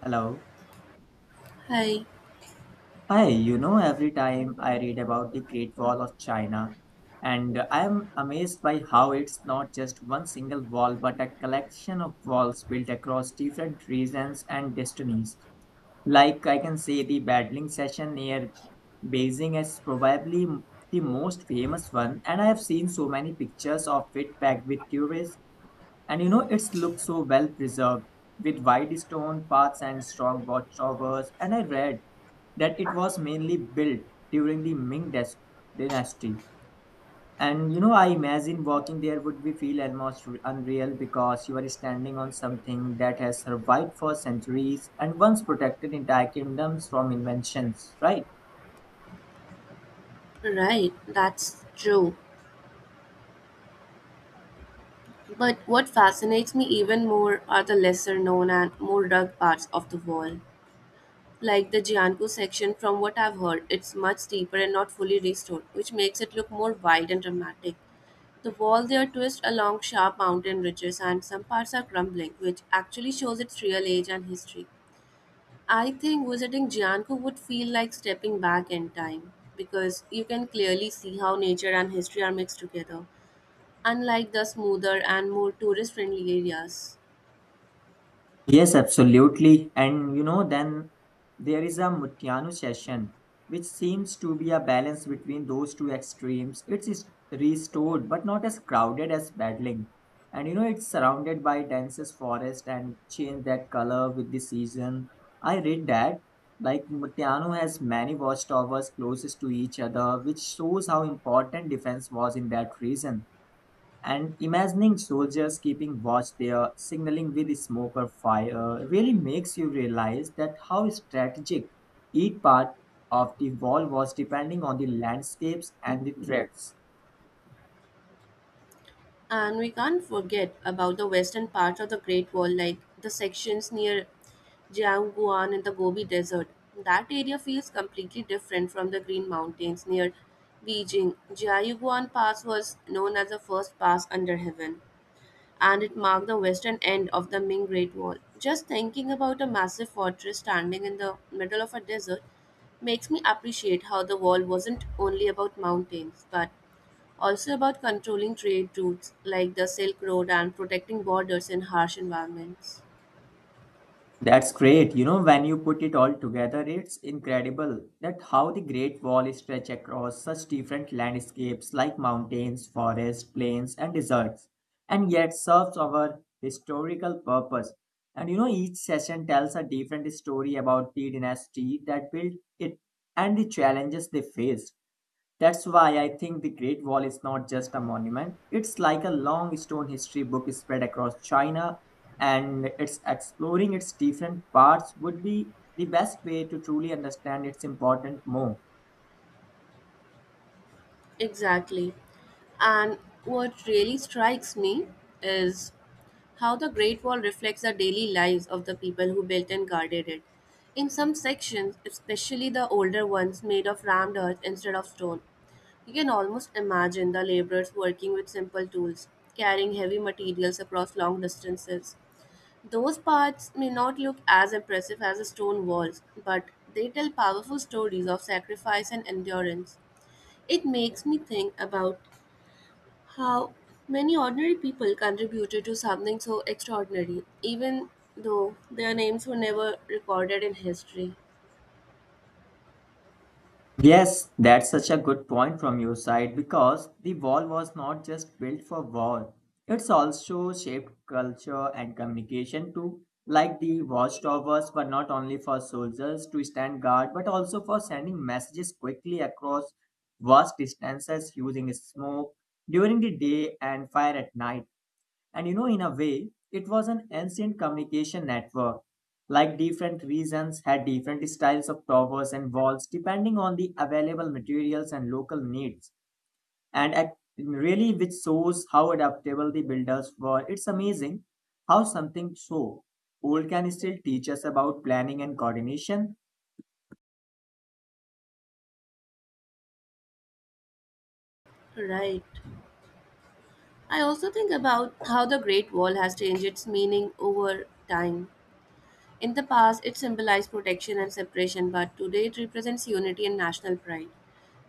Hello. Hi, Hi, every time I read about the Great Wall of China, and I am amazed by how it's not just one single wall, but a collection of walls built across different regions and destinies. Like I can say, the battling session near Beijing is probably the most famous one, and I have seen so many pictures of it packed with tourists, and it's looked so well preserved with wide stone paths and strong watchtowers. And I read that it was mainly built during the dynasty. And I imagine walking there would be feel almost unreal because you are standing on something that has survived for centuries and once protected entire kingdoms from inventions, right? right, that's true. But what fascinates me even more are the lesser known and more rugged parts of the wall. Like the Jiangu section, from what I've heard, it's much steeper and not fully restored, which makes it look more wide and dramatic. The wall there twists along sharp mountain ridges, and some parts are crumbling, which actually shows its real age and history. I think visiting Jiangu would feel like stepping back in time because you can clearly see how nature and history are mixed together, unlike the smoother and more tourist friendly areas. Yes, absolutely. And then there is a Mutianu session, which seems to be a balance between those two extremes. It's restored, but not as crowded as paddling. And it's surrounded by densest forest and change that color with the season. I read that. Like Mutianu has many watchtowers closest to each other, which shows how important defense was in that region. And imagining soldiers keeping watch there, signaling with smoke or fire, really makes you realize that how strategic each part of the wall was depending on the landscapes and the threats. And we can't forget about the western part of the Great Wall, like the sections near Jiangguan and the Gobi Desert. That area feels completely different from the Green Mountains near Beijing. Jiangguan Pass was known as the first pass under heaven, and it marked the western end of the Ming Great Wall. Just thinking about a massive fortress standing in the middle of a desert makes me appreciate how the wall wasn't only about mountains, but also about controlling trade routes like the Silk Road and protecting borders in harsh environments. That's great. You know, when you put it all together, it's incredible that how the Great Wall stretch across such different landscapes like mountains, forests, plains, and deserts, and yet serves our historical purpose. And each session tells a different story about the dynasty that built it and the challenges they faced. That's why I think the Great Wall is not just a monument. It's like a long stone history book spread across China, and it's exploring its different parts would be the best way to truly understand its important more. Exactly. And what really strikes me is how the Great Wall reflects the daily lives of the people who built and guarded it. In some sections, especially the older ones made of rammed earth instead of stone, you can almost imagine the laborers working with simple tools, carrying heavy materials across long distances. Those parts may not look as impressive as the stone walls, but they tell powerful stories of sacrifice and endurance. It makes me think about how many ordinary people contributed to something so extraordinary, even though their names were never recorded in history. Yes, that's such a good point from your side because the wall was not just built for war. It's also shaped culture and communication too. Like the watchtowers were not only for soldiers to stand guard but also for sending messages quickly across vast distances using smoke during the day and fire at night. And in a way, it was an ancient communication network. Like different regions had different styles of towers and walls depending on the available materials and local needs. And really, which shows how adaptable the builders were. It's amazing how something so old can still teach us about planning and coordination. Right. I also think about how the Great Wall has changed its meaning over time. In the past, it symbolized protection and separation, but today it represents unity and national pride.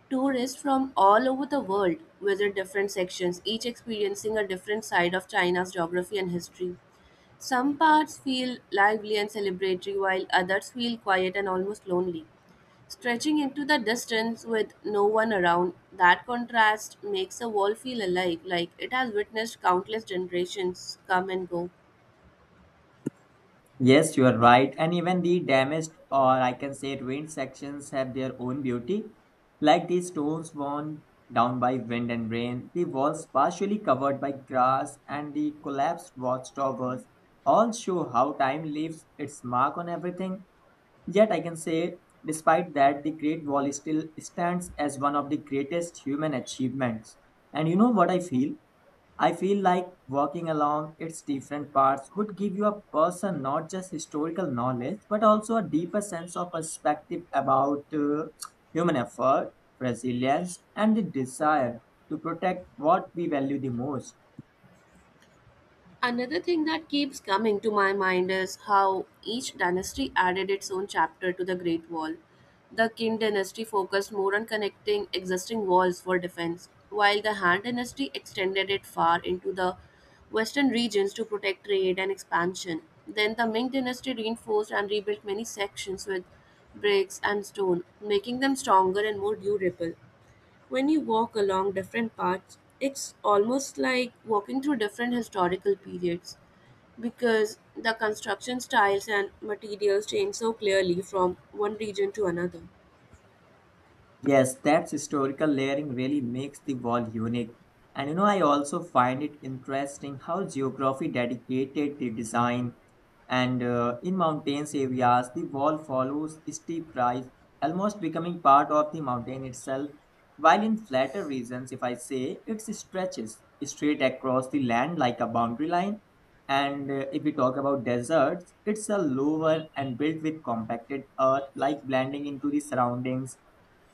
Tourists from all over the world visit different sections, each experiencing a different side of China's geography and history. Some parts feel lively and celebratory, while others feel quiet and almost lonely. Stretching into the distance with no one around, that contrast makes the wall feel alive, like it has witnessed countless generations come and go. Yes, you are right. And even the damaged or I can say ruined sections have their own beauty. Like the stones worn down by wind and rain, the walls partially covered by grass, and the collapsed watchtowers all show how time leaves its mark on everything. Yet I can say, despite that, the Great Wall still stands as one of the greatest human achievements. And you know what I feel? I feel like walking along its different parts would give you a person not just historical knowledge but also a deeper sense of perspective about human effort, resilience, and the desire to protect what we value the most. Another thing that keeps coming to my mind is how each dynasty added its own chapter to the Great Wall. The Qin dynasty focused more on connecting existing walls for defense, while the Han dynasty extended it far into the western regions to protect trade and expansion. Then the Ming dynasty reinforced and rebuilt many sections with bricks and stone, making them stronger and more durable. When you walk along different paths, it's almost like walking through different historical periods because the construction styles and materials change so clearly from one region to another. Yes, that historical layering really makes the wall unique. And I also find it interesting how geography dedicated the design. And in mountains areas, the wall follows steep rise, almost becoming part of the mountain itself. While in flatter regions, if I say, it stretches straight across the land like a boundary line. And if we talk about deserts, it's a lower and built with compacted earth, like blending into the surroundings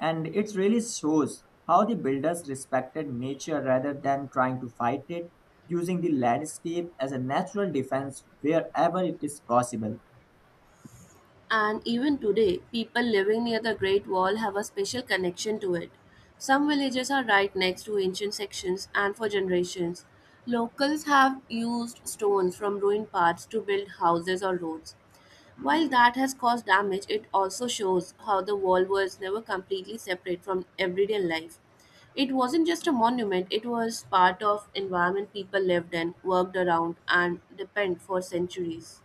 and it really shows how the builders respected nature rather than trying to fight it, using the landscape as a natural defense wherever it is possible. And even today, people living near the Great Wall have a special connection to it. Some villages are right next to ancient sections, and for generations, locals have used stones from ruined parts to build houses or roads. While that has caused damage, it also shows how the wall was never completely separate from everyday life. It wasn't just a monument, it was part of environment people lived in, worked around and depend for centuries.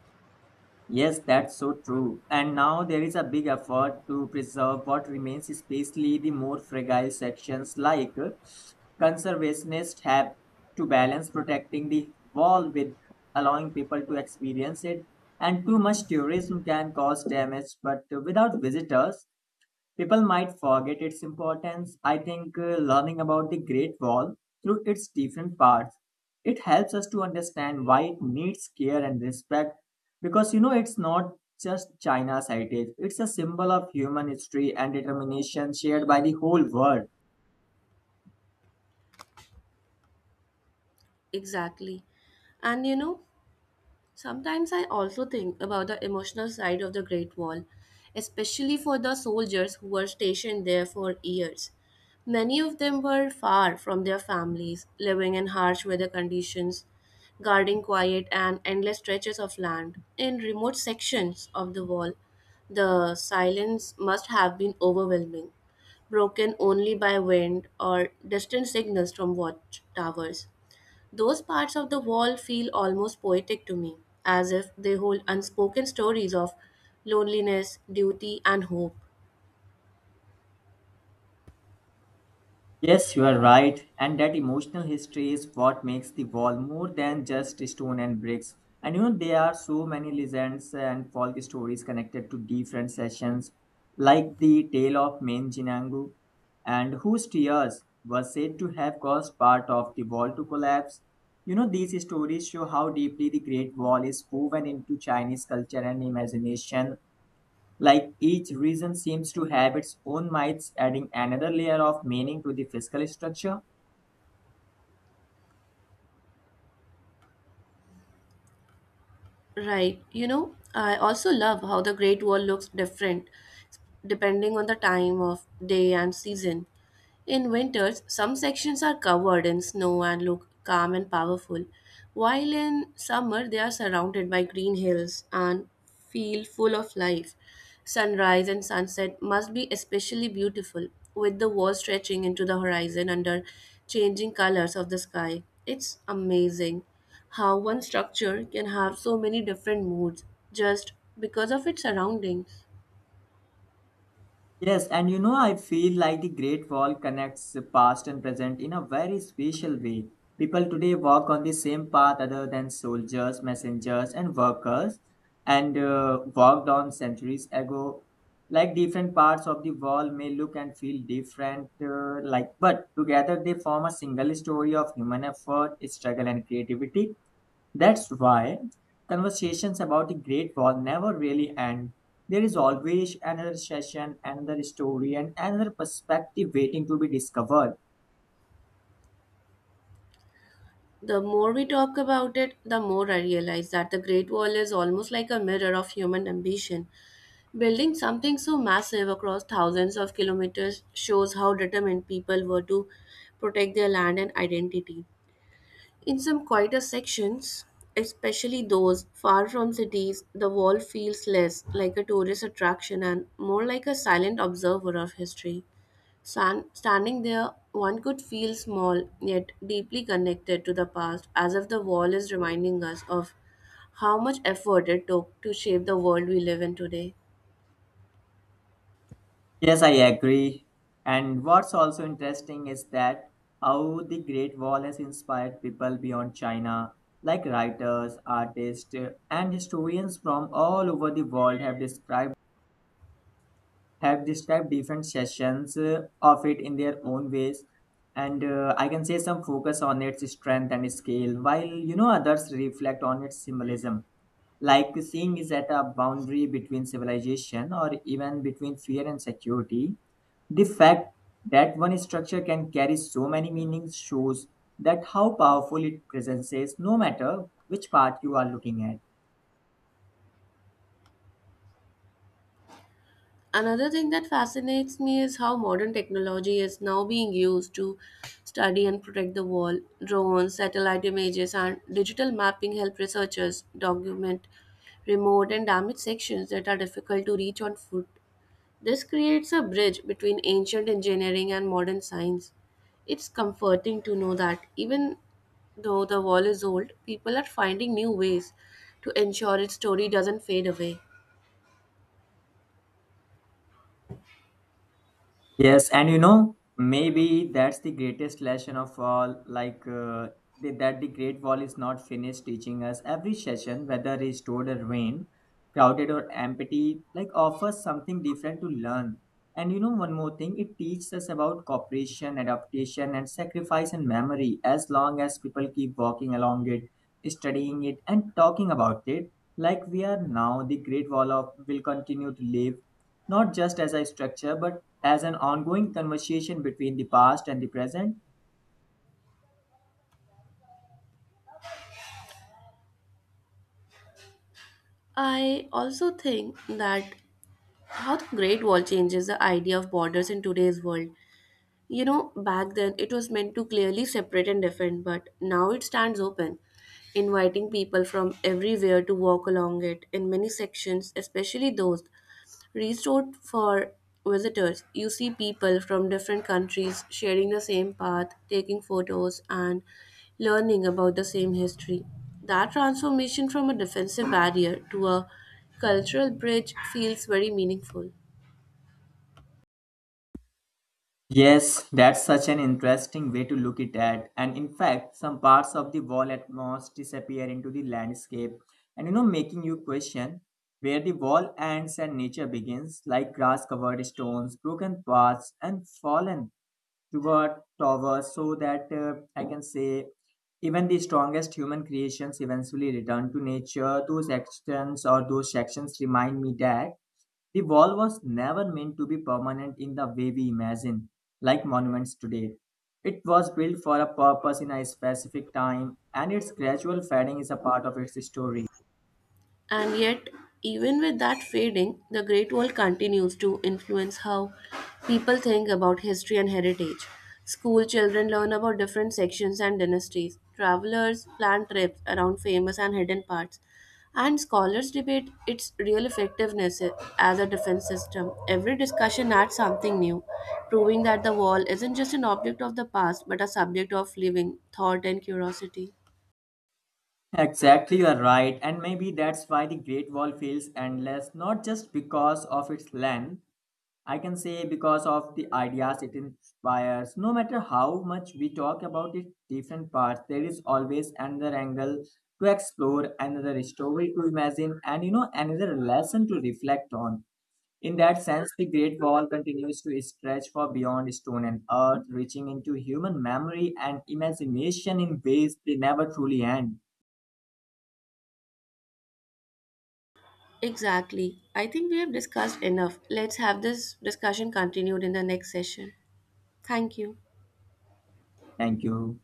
Yes, that's so true. And now there is a big effort to preserve what remains, especially the more fragile sections like conservationists have to balance protecting the wall with allowing people to experience it. And too much tourism can cause damage, but without visitors, people might forget its importance. I think learning about the Great Wall through its different parts it helps us to understand why it needs care and respect because it's not just China's heritage. It's a symbol of human history and determination shared by the whole world. Exactly. And you know, sometimes I also think about the emotional side of the Great Wall, especially for the soldiers who were stationed there for years. Many of them were far from their families, living in harsh weather conditions, guarding quiet and endless stretches of land. In remote sections of the wall, the silence must have been overwhelming, broken only by wind or distant signals from watchtowers. Those parts of the wall feel almost poetic to me, as if they hold unspoken stories of loneliness, duty, and hope. Yes, you are right, and that emotional history is what makes the wall more than just stone and bricks. And there are so many legends and folk stories connected to different sessions, like the tale of Menjinangu, and whose tears were said to have caused part of the wall to collapse. You know, these stories show how deeply the Great Wall is woven into Chinese culture and imagination like each region seems to have its own myths, adding another layer of meaning to the fiscal structure. Right, you know, I also love how the Great Wall looks different depending on the time of day and season. In winters, some sections are covered in snow and look calm and powerful, while in summer they are surrounded by green hills and feel full of life. Sunrise and sunset must be especially beautiful, with the walls stretching into the horizon under changing colors of the sky. It's amazing how one structure can have so many different moods just because of its surroundings. Yes, and I feel like the Great Wall connects the past and present in a very special way. People today walk on the same path other than soldiers, messengers, and workers, and walked on centuries ago. Like different parts of the wall may look and feel different, but together they form a single story of human effort, struggle, and creativity. That's why conversations about the Great Wall never really end. There is always another session, another story, and another perspective waiting to be discovered. The more we talk about it, the more I realize that the Great Wall is almost like a mirror of human ambition. Building something so massive across thousands of kilometers shows how determined people were to protect their land and identity. In some quieter sections, especially those far from cities, the wall feels less like a tourist attraction and more like a silent observer of history. Standing there, one could feel small yet deeply connected to the past, as if the wall is reminding us of how much effort it took to shape the world we live in today. Yes, I agree. And what's also interesting is that how the Great Wall has inspired people beyond China, like writers, artists, and historians from all over the world have described different sessions of it in their own ways and I can say some focus on its strength and scale while others reflect on its symbolism, like seeing is at a boundary between civilization or even between fear and security. The fact that one structure can carry so many meanings shows that how powerful it presents is no matter which part you are looking at. Another thing that fascinates me is how modern technology is now being used to study and protect the wall. Drones, satellite images, and digital mapping help researchers document remote and damaged sections that are difficult to reach on foot. This creates a bridge between ancient engineering and modern science. It's comforting to know that even though the wall is old, people are finding new ways to ensure its story doesn't fade away. Yes, and maybe that's the greatest lesson of all. Like the Great Wall is not finished teaching us. Every session, whether restored or ruined, crowded or empty, like offers something different to learn. And one more thing, it teaches us about cooperation, adaptation, and sacrifice and memory. As long as people keep walking along it, studying it, and talking about it, like we are now, the Great Wall of will continue to live not just as a structure but as an ongoing conversation between the past and the present? I also think that how the Great Wall changes the idea of borders in today's world. You know, back then it was meant to clearly separate and defend, but now it stands open, inviting people from everywhere to walk along it in many sections, especially those restored for visitors. You see people from different countries sharing the same path, taking photos, and learning about the same history. That transformation from a defensive barrier to a cultural bridge feels very meaningful. Yes, that's such an interesting way to look it at. And in fact, some parts of the wall at once disappear into the landscape, and making you question where the wall ends and nature begins, like grass covered stones, broken paths, and fallen toward towers, so that I can say even the strongest human creations eventually return to nature. Those actions or those sections remind me that the wall was never meant to be permanent in the way we imagine, like monuments today. It was built for a purpose in a specific time, and its gradual fading is a part of its story. And yet, even with that fading, the Great Wall continues to influence how people think about history and heritage. School children learn about different sections and dynasties. Travelers plan trips around famous and hidden parts. And scholars debate its real effectiveness as a defense system. Every discussion adds something new, proving that the wall isn't just an object of the past but a subject of living thought and curiosity. Exactly, you are right, and maybe that's why the Great Wall feels endless, not just because of its length, I can say because of the ideas it inspires. No matter how much we talk about its different parts, there is always another angle to explore, another story to imagine, and another lesson to reflect on. In that sense, the Great Wall continues to stretch far beyond stone and earth, reaching into human memory and imagination in ways they never truly end. Exactly. I think we have discussed enough. Let's have this discussion continued in the next session. Thank you. Thank you.